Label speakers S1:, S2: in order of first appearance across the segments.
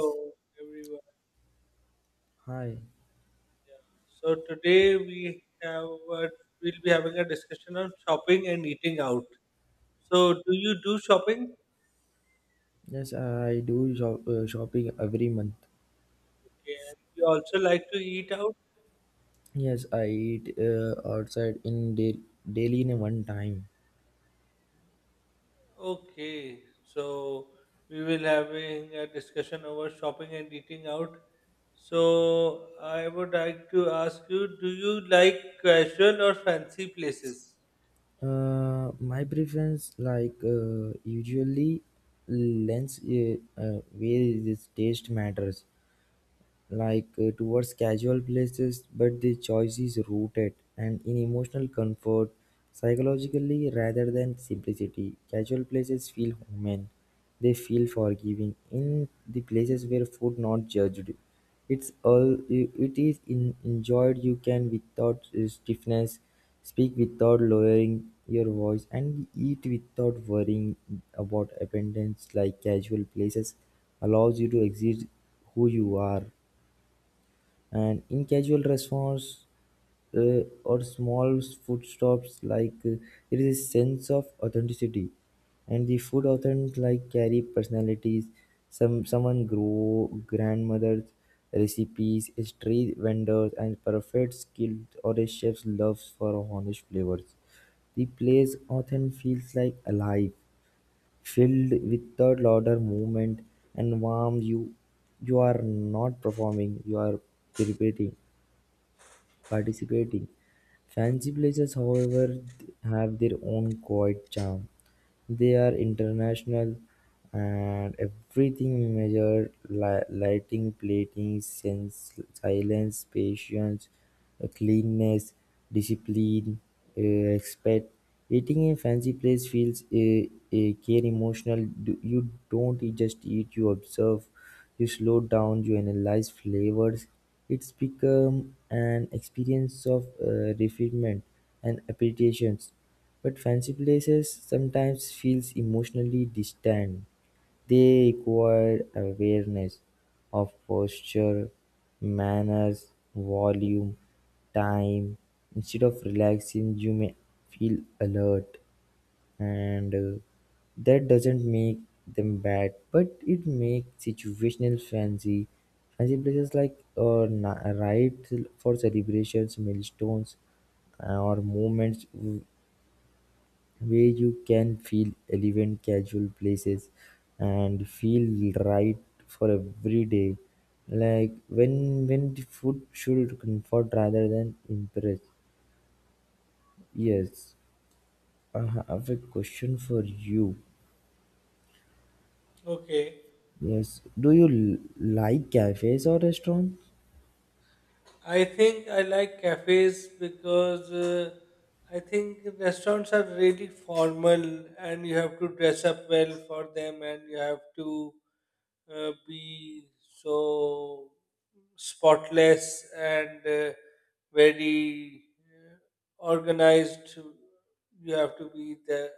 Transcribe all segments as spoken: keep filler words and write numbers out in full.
S1: Hello, everyone.
S2: Hi.
S1: Yeah. So today we have uh, we'll be having a discussion on shopping and eating out. So do you do shopping?
S2: Yes, I do shop, uh, shopping every month.
S1: Okay, and you also like to eat out?
S2: Yes, I eat uh, outside in da- daily in one time.
S1: Okay. So we will having a discussion over shopping and eating out. So I would like to ask you, do you like casual or fancy places?
S2: Uh, my preference like uh, usually lens uh, uh, where this taste matters. Like uh, towards casual places, but the choice is rooted and in emotional comfort psychologically rather than simplicity. Casual places feel human, they feel forgiving. In the places where food not judged, it's all it is in, enjoyed. You can without uh, stiffness, speak without lowering your voice, and eat without worrying about abundance. Like casual places allows you to exist who you are, and in casual restaurants uh, or small food stops like uh, there is a sense of authenticity, and the food often like carry personalities. Some someone grow grandmother's recipes, a street vendors and perfect skill, or a chef's loves for honest flavors. The place often feels like alive, filled with third order movement and warm you you are not performing, you are preparing, participating. Fancy places, however, th- have their own quiet charm. They are international, and everything measured li- lighting, plating, sense, silence, patience, uh, cleanness, discipline, uh, respect. Eating in fancy place feels a, a care emotional. Do- You don't just eat, you observe. You slow down, you analyze flavors. It's become an experience of uh, refinement and appreciations. But fancy places sometimes feels emotionally distant. They require awareness of posture, manners, volume, time. Instead of relaxing, you may feel alert, and uh, that doesn't make them bad, but it makes situational fancy fancy places like uh, na- right for celebrations, milestones, uh, or moments w- where you can feel relevant. Casual places and feel right for every day, like when when the food should comfort rather than impress. Yes, I have a question for you.
S1: Okay.
S2: Yes. Do you l- like cafes or restaurants?
S1: I think I like cafes because uh, I think restaurants are really formal and you have to dress up well for them and you have to uh, be so spotless and uh, very uh, organized. You have to be the,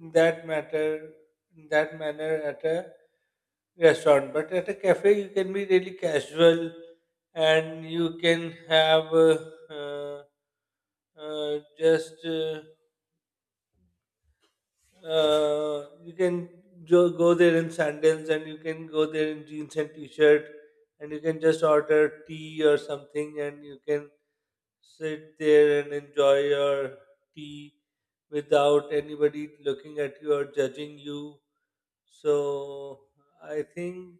S1: in that matter, in that manner at a restaurant. But at a cafe, you can be really casual and you can have uh, uh, uh, just uh, uh, you can jo- go there in sandals and you can go there in jeans and t-shirt, and you can just order tea or something and you can sit there and enjoy your tea without anybody looking at you or judging you. So I think,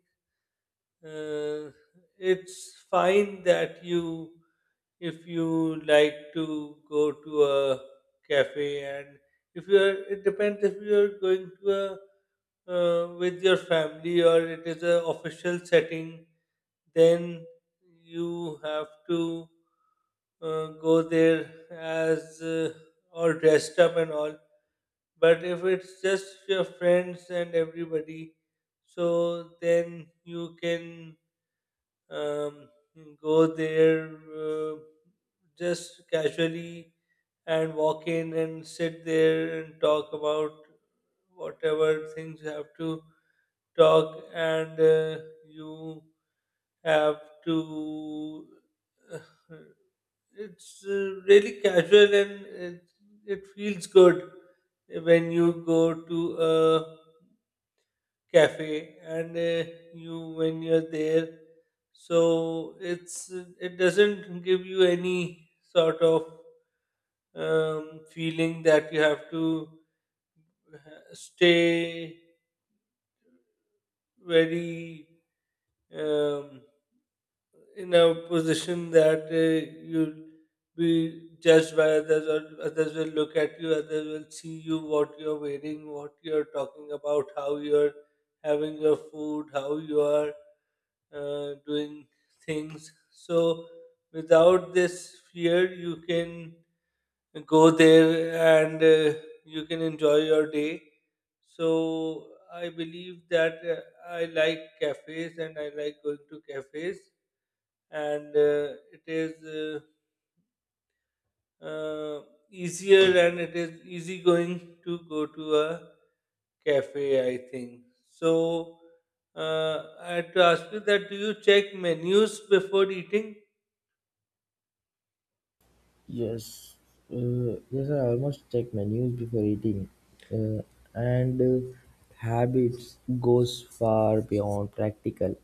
S1: uh, it's fine that you, if you like to go to a cafe, and if you are, it depends, if you are going to a uh, with your family or it is a official setting, then you have to uh, go there as uh, all dressed up and all. But if it's just your friends and everybody, so then you can um, go there uh, just casually and walk in and sit there and talk about whatever things you have to talk. And uh, you have to uh, it's uh, really casual, and it, it feels good when you go to a cafe, and uh, you, when you're there. So it's, it doesn't give you any sort of um, feeling that you have to stay very um, in a position that uh, you'll be judged by others, or others will look at you, others will see you, what you're wearing, what you're talking about, how you're having your food, how you are uh, doing things. So, without this fear, you can go there and uh, you can enjoy your day. So I believe that uh, I like cafes and I like going to cafes, and uh, it is uh, uh, easier and it is easy going to go to a cafe. I think so. Uh, I had to ask you that: do you check menus before eating?
S2: Yes, uh, yes, I almost check menus before eating, uh, and uh, habits goes far beyond practical.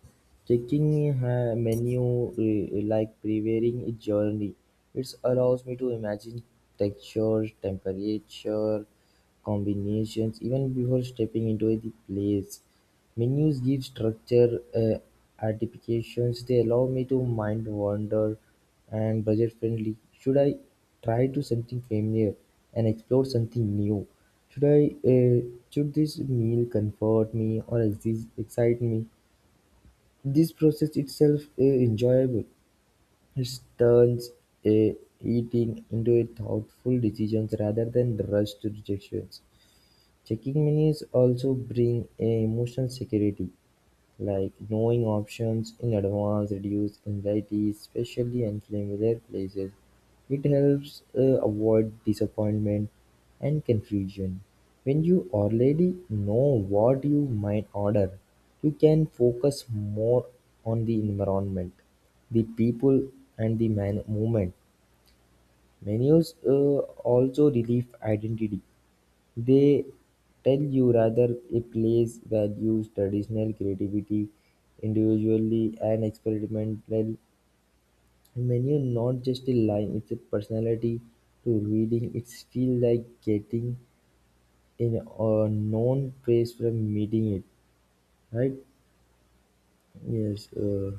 S2: Checking uh, menu uh, like preparing a journey, it allows me to imagine textures, temperature, combinations even before stepping into the place. Menus give structure, uh, artifications. They allow me to mind wander and budget-friendly. Should I try to something familiar and explore something new? Should I uh, should this meal comfort me or exi- excite me? This process itself is enjoyable. It turns uh, eating into a thoughtful decisions rather than rushed rejections. Checking menus also bring a emotional security. Like knowing options in advance reduces anxiety, especially in familiar places. It helps uh, avoid disappointment and confusion. When you already know what you might order, you can focus more on the environment, the people, and the man- movement. Menus uh, also relieve identity. They tell you rather a place values traditional creativity, individually and experimental. Menu not just a line, it's a personality. To reading it feels like getting in a known place from meeting it, right? Yes. uh,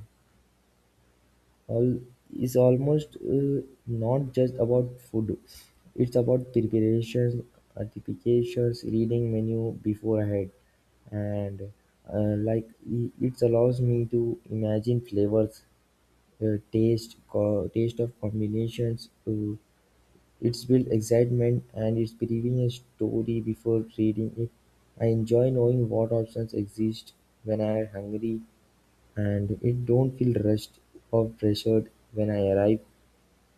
S2: All is almost uh, not just about food, it's about preparation, applications, reading menu before ahead, and uh, like i- it allows me to imagine flavors, uh, taste, co- taste of combinations. Uh, it's built excitement and it's believing a story before reading it. I enjoy knowing what options exist when I am hungry, and it don't feel rushed or pressured when I arrive.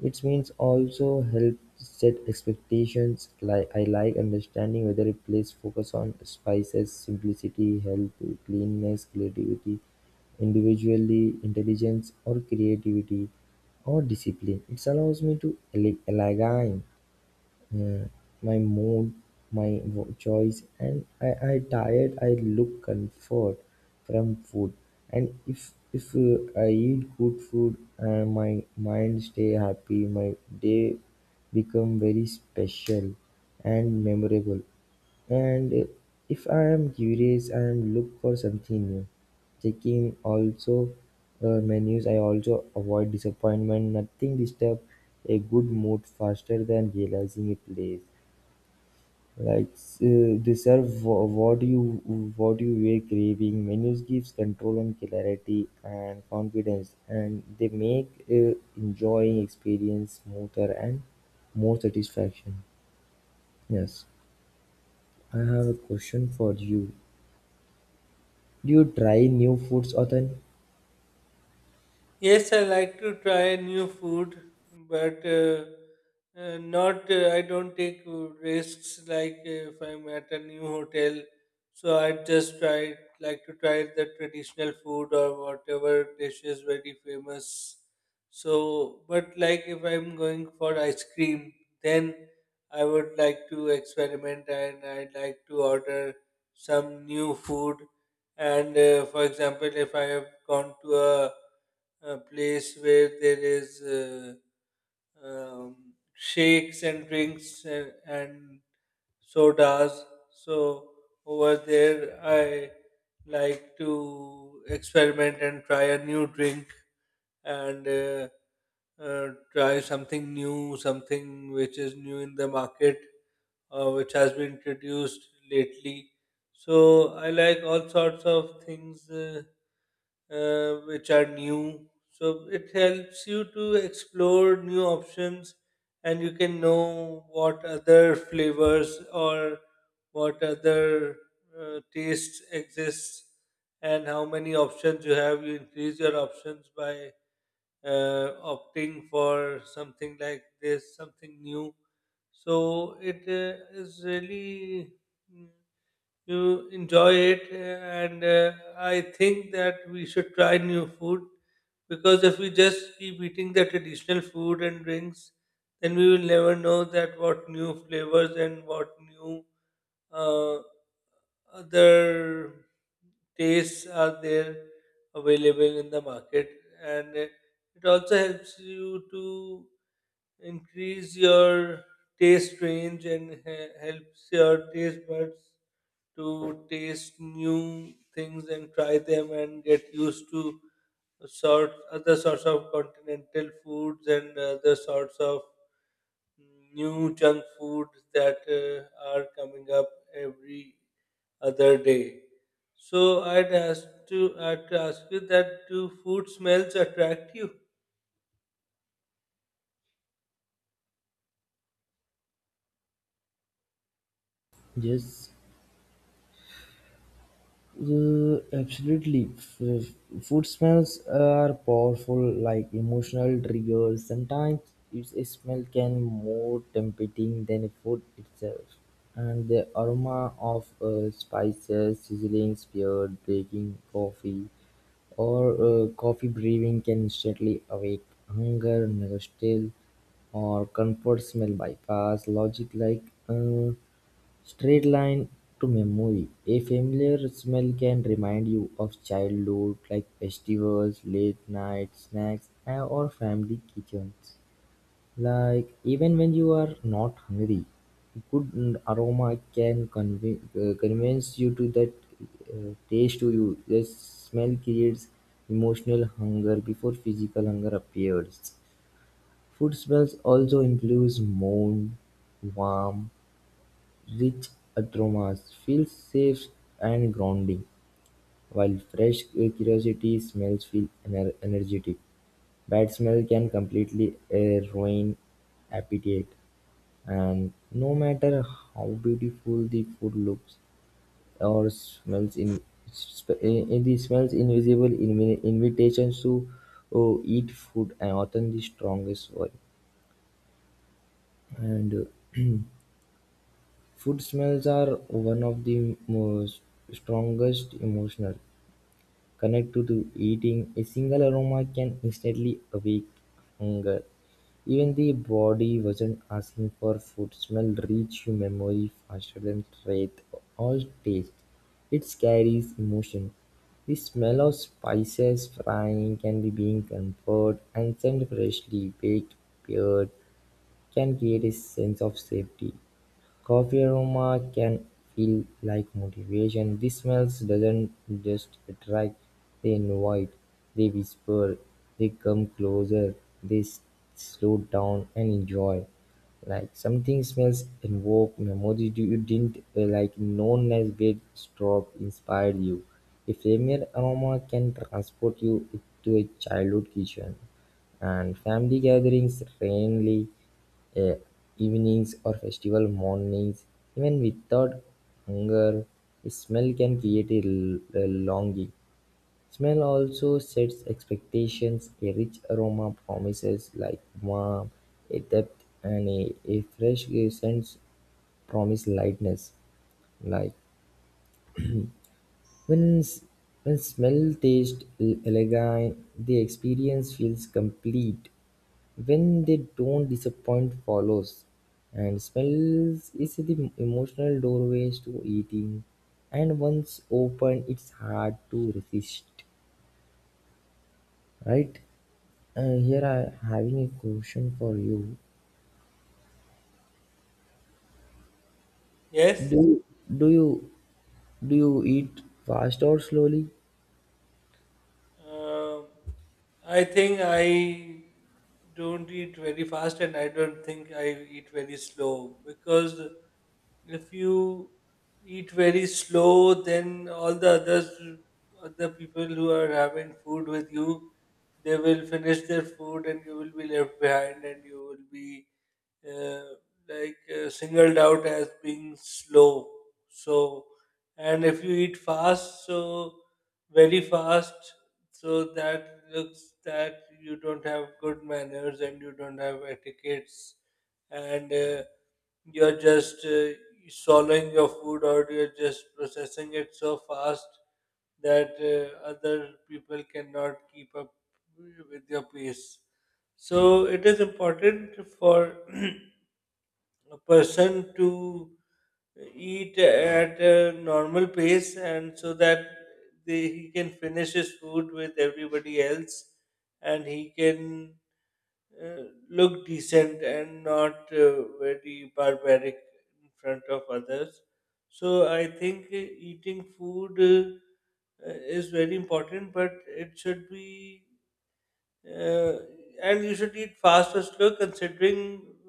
S2: It means also help set expectations. Like I like understanding whether a place focuses on spices, simplicity, health, cleanliness, creativity, individually, intelligence, or creativity, or discipline. It allows me to ele- align, mm, my mood, my wo- choice, and I, I tired. I look comfort from food, and if if uh, I eat good food, uh, my mind stay happy. My day become very special and memorable. And if I am curious, I am look for something new, checking also uh, menus. I also avoid disappointment. Nothing disturb a good mood faster than realizing a place. Like uh, they serve wha- what you what you were craving. Menus gives control and clarity and confidence, and they make uh, enjoying experience smoother and more satisfaction. Yes, I have a question for you. Do you try new foods often?
S1: Yes, I like to try new food, but uh, uh, not. Uh, I don't take uh, risks, like uh, if I'm at a new hotel. So I just try, like to try the traditional food or whatever dish is very famous. So, but like, if I'm going for ice cream, then I would like to experiment and I'd like to order some new food. And uh, for example, if I have gone to a a place where there is uh, um, shakes and drinks and, and sodas. So over there, I like to experiment and try a new drink, and uh, uh, try something new, something which is new in the market or which has been introduced lately. So I like all sorts of things Uh, uh, which are new. So it helps you to explore new options, and you can know what other flavors or what other uh, tastes exist and how many options you have. You increase your options by uh, opting for something like this, something new. So it uh, is really, mm, you enjoy it. uh, And uh, I think that we should try new food, because if we just keep eating the traditional food and drinks, then we will never know that what new flavors and what new uh, other tastes are there available in the market. And uh, it also helps you to increase your taste range, and he- helps your taste buds to taste new things and try them and get used to sort, other sorts of continental foods and other sorts of new junk foods that uh, are coming up every other day. So I'd ask to, I'd ask you that: do food smells attract you?
S2: Yes, uh, absolutely. F- food smells are powerful, like emotional triggers. Sometimes it's- a smell can more tempting than food itself, and the aroma of uh, spices, sizzling spear, baking coffee, or uh, coffee brewing can instantly awake hunger, nostalgia, or comfort. Smell bypass logic like. Uh, Straight line to memory: a familiar smell can remind you of childhood, like festivals, late-night snacks, uh, or family kitchens. Like even when you are not hungry, good, mm, aroma can convi- uh, convince you to that uh, taste to you. The smell creates emotional hunger before physical hunger appears. Food smells also includes mold, warm. Rich aromas feel safe and grounding, while fresh curiosity smells feel ener- energetic. Bad smell can completely uh, ruin appetite, and no matter how beautiful the food looks or smells, in, sp- in the smells invisible invi- invitations to oh, eat food are often the strongest one. And uh, food smells are one of the most strongest emotional connected to eating. A single aroma can instantly awake hunger. Even the body wasn't asking for food. Smell reach your memory faster than taste or taste. It carries emotion. The smell of spices frying can be being comfort and sent freshly baked, peared, can create a sense of safety. Coffee aroma can feel like motivation. The smells doesn't just attract, they invite, they whisper, they come closer, they s- slow down and enjoy. Like something smells invoke memories you you didn't uh, like known as great drop inspired you. A familiar aroma can transport you to a childhood kitchen and family gatherings randomly, eh, evenings or festival mornings, even without hunger, a smell can create a l- a longing. Smell also sets expectations. A rich aroma promises like warmth, a depth, and a, a fresh sense, promise lightness. Like when, s- when smell taste l- elegant, the experience feels complete. When they don't, disappoint follows. And smells is the emotional doorways to eating. And once open, it's hard to resist. Right? Uh, here I having a question for you.
S1: Yes.
S2: Do do you do you eat fast or slowly?
S1: Um, I think I don't eat very fast and I don't think I eat very slow, because if you eat very slow, then all the others, other people who are having food with you, they will finish their food and you will be left behind and you will be uh, like uh, singled out as being slow. So, and if you eat fast, so very fast, so that looks that you don't have good manners and you don't have etiquettes, and uh, you're just uh, swallowing your food, or you're just processing it so fast that uh, other people cannot keep up with your pace. So it is important for a person to eat at a normal pace, and so that they, he can finish his food with everybody else, and he can uh, look decent and not uh, very barbaric in front of others. So I think uh, eating food uh, uh, is very important, but it should be uh, and you should eat fast or slow considering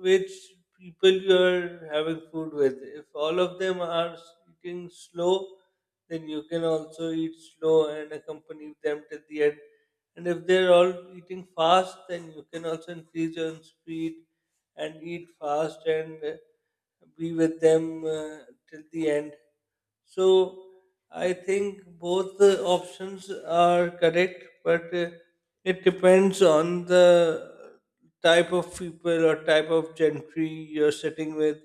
S1: which people you are having food with. If all of them are s- eating slow, then you can also eat slow and accompany them till the end. And if they're all eating fast, then you can also increase your speed and eat fast, and uh, be with them uh, till the end. So I think both the options are correct, but uh, it depends on the type of people or type of gentry you're sitting with,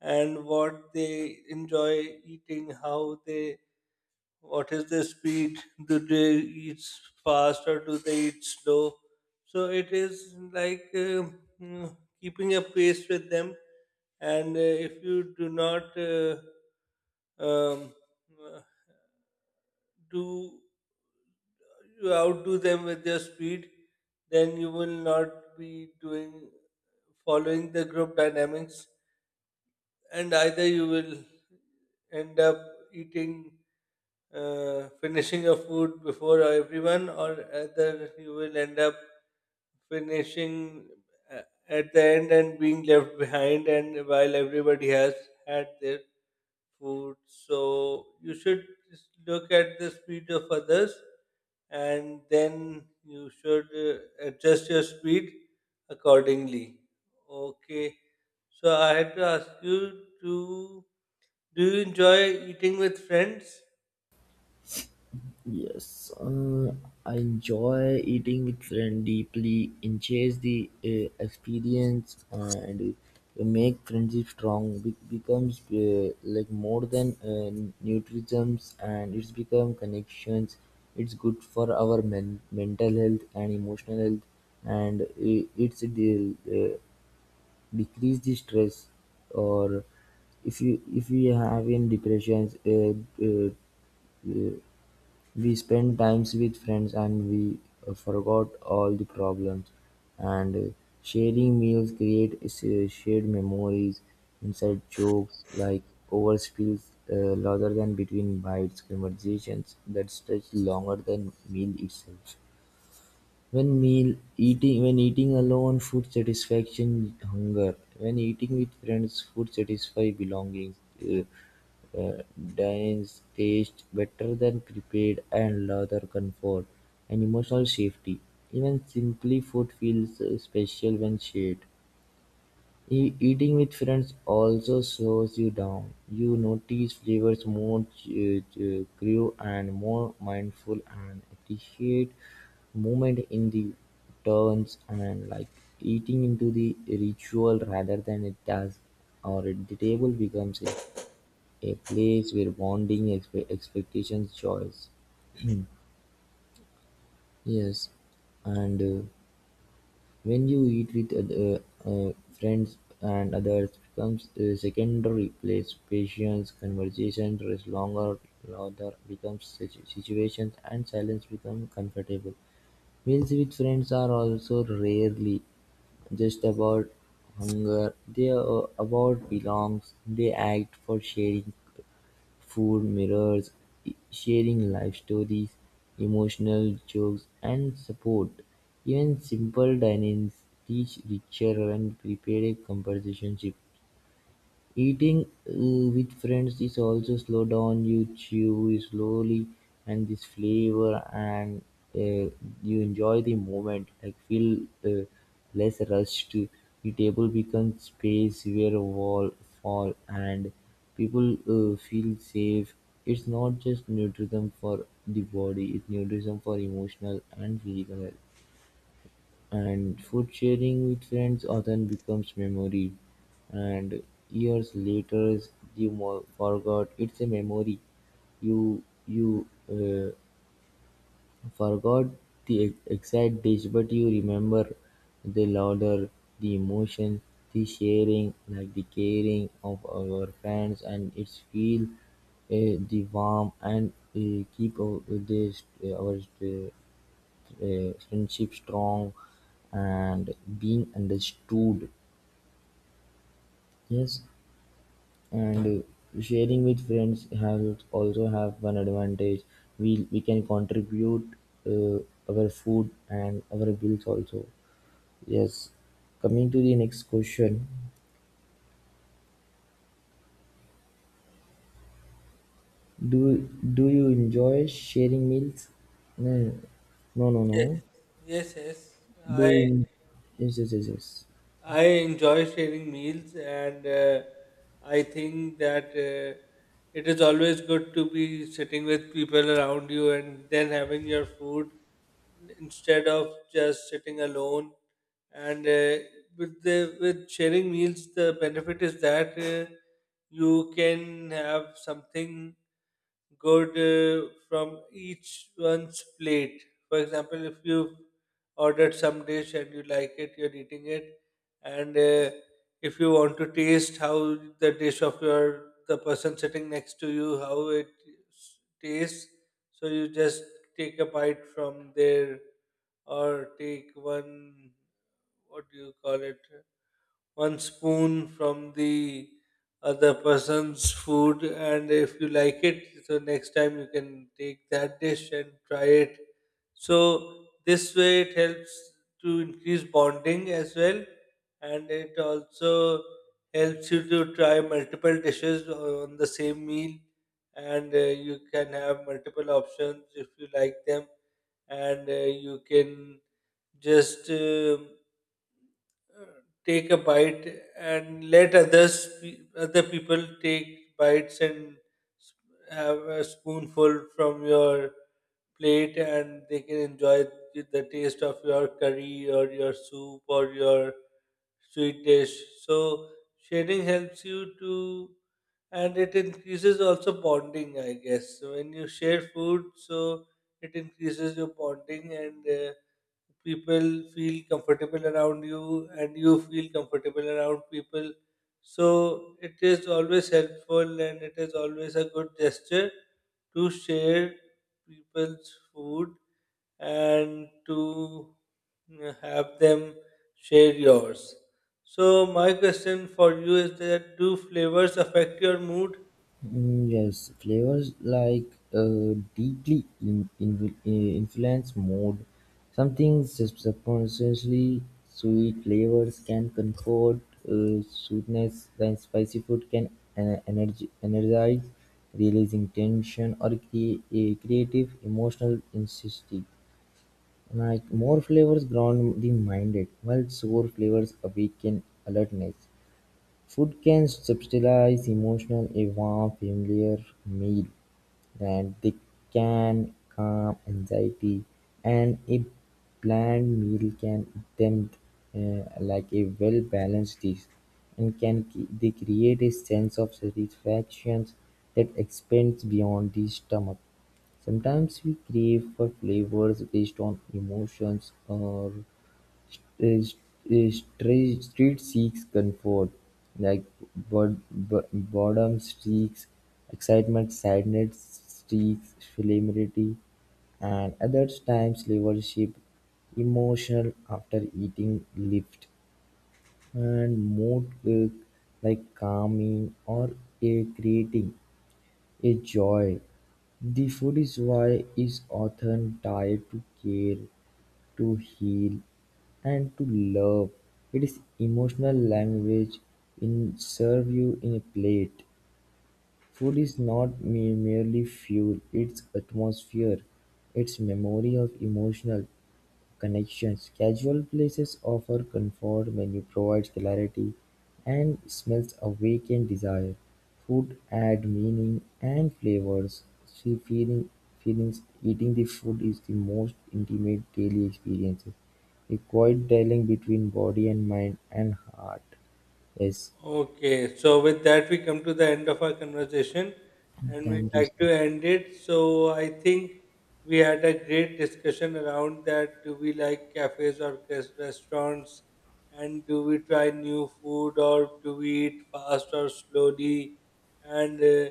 S1: and what they enjoy eating, how they, what is the speed, do they eat fast or do they eat slow. So it is like uh, mm, keeping a pace with them. And uh, if you do not uh, um, uh, do, you outdo them with your speed, then you will not be doing, following the group dynamics, and either you will end up eating, uh, finishing your food before everyone, or either you will end up finishing a- at the end and being left behind, and while everybody has had their food. So you should just look at the speed of others and then you should uh, adjust your speed accordingly. Okay. So I had to ask you to: do you enjoy eating with friends?
S2: Yes, uh, I enjoy eating with friend deeply, enhance the uh, experience, uh, and make friendship strong. Be- becomes uh, like more than uh, nutritions, and it's become connections. It's good for our men- mental health and emotional health, and i- it's de- uh, decrease the stress. Or if you if you have in depressions, uh, uh, uh, we spent times with friends, and we uh, forgot all the problems. And uh, sharing meals create s- uh, shared memories, inside jokes like over spills, uh, rather than between bites, conversations that stretch longer than meal itself. When meal eating, when eating alone, food satisfaction hunger. When eating with friends, food satisfy belonging. Uh, uh, Dines taste better than prepared, and louder comfort and emotional safety. Even simply food feels uh, special when shared. E- Eating with friends also slows you down. You notice flavors more cu- cu- crew and more mindful, and appreciate moment in the turns, and like eating into the ritual rather than a task. Or at the table becomes a, a place where bonding expe- expectations choice. Yes, and uh, when you eat with other, uh, friends and others becomes uh, secondary; place, patience, conversation is longer, laughter becomes situ- situations, and silence become comfortable. Meals with friends are also rarely just about hunger; they are about belongs. They act for sharing. Food mirrors sharing life stories, emotional jokes, and support. Even simple dinings teach richer and prepared conversations. Eating uh, with friends is also slow down. You chew slowly, and this flavor, and uh, you enjoy the moment. Like feel uh, less rushed. The table becomes space where a wall fall, and people uh, feel safe. It's not just nutrition for the body; it's nutrition for emotional and physical health. And food sharing with friends often becomes memory, and years later you mo- forgot it's a memory. You you uh, forgot the ex- exact dish, but you remember the louder, the emotion, the sharing, like the caring of our friends, and it's feel uh, the warm, and uh, keep our, the, our uh, a friendship strong and being understood. Yes. And uh, sharing with friends has also have one advantage, we we can contribute uh, our food and our bills also. Yes. Coming to the next question, do do you enjoy sharing meals? No, no, no, no.
S1: Yes, yes, yes.
S2: Do you
S1: I
S2: en- yes, yes, yes, yes.
S1: I enjoy sharing meals, and uh, I think that uh, it is always good to be sitting with people around you and then having your food instead of just sitting alone. And uh, with the with sharing meals, the benefit is that uh, you can have something good uh, from each one's plate. For example, if you ordered some dish and you like it, you're eating it, and uh, if you want to taste how the dish of your, the person sitting next to you, how it s- tastes, so you just take a bite from there, or take one, what do you call it, one spoon from the other person's food, and if you like it, so next time you can take that dish and try it. So, this way it helps to increase bonding as well, and it also helps you to try multiple dishes on the same meal, and uh, you can have multiple options if you like them. And uh, you can just, um take a bite and let others pe- other people take bites and s- have a spoonful from your plate, and they can enjoy th- the taste of your curry or your soup or your sweet dish. So sharing helps you to, and it increases also bonding, I guess. So when you share food, so it increases your bonding, and uh, people feel comfortable around you and you feel comfortable around people. So it is always helpful and it is always a good gesture to share people's food and to uh, have them share yours. So my question for you is that: do flavors affect your mood?
S2: Mm, yes, flavors like uh, deeply in, in, uh, influence mood. Something sus- subconsciously sweet flavors can comfort, uh, sweetness, then spicy food can uh, energy, energize, releasing tension, or cre- a creative emotional instinct. Like more flavors ground the minded, while sour flavors awaken alertness. Food can substitute emotional a warm familiar meal, and they can calm anxiety, and a bland meal can tempt, uh, like a well-balanced dish, and can c- they create a sense of satisfaction that expands beyond the stomach. Sometimes we crave for flavors based on emotions, or a st- a stra- street seeks comfort, like bod- bo- boredom seeks excitement, sadness seeks familiarity, and other times leadership, emotional after eating lift, and mood uh, like calming or a creating a joy. The food is why is often tied to care, to heal, and to love. It is emotional language in serve you in a plate. Food is not me- merely fuel, it's atmosphere, it's memory of emotional connections. Casual places offer comfort, menu provides clarity, and smells awaken desire. Food add meaning and flavors. See feeling feelings eating the food is the most intimate daily experience. A quiet dialogue between body and mind and heart. Yes.
S1: Okay, so with that, we come to the end of our conversation and we'd
S2: Thank you,
S1: like
S2: sir.
S1: to end it. So, I think we had a great discussion around that. Do we like cafes or cas- restaurants? And do we try new food, or do we eat fast or slowly? And uh,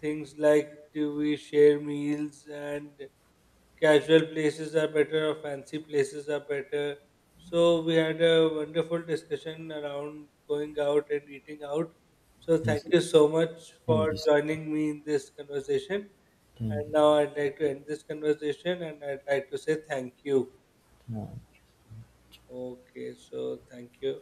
S1: things like, do we share meals, and casual places are better or fancy places are better. So we had a wonderful discussion around going out and eating out. So thank
S2: Yes.
S1: you so much
S2: Thank
S1: for
S2: you, sir.
S1: joining me in this conversation.
S2: Thank
S1: And
S2: you.
S1: now I'd like to end this conversation and I'd like to say thank you.
S2: Thank you.
S1: Okay, so thank you.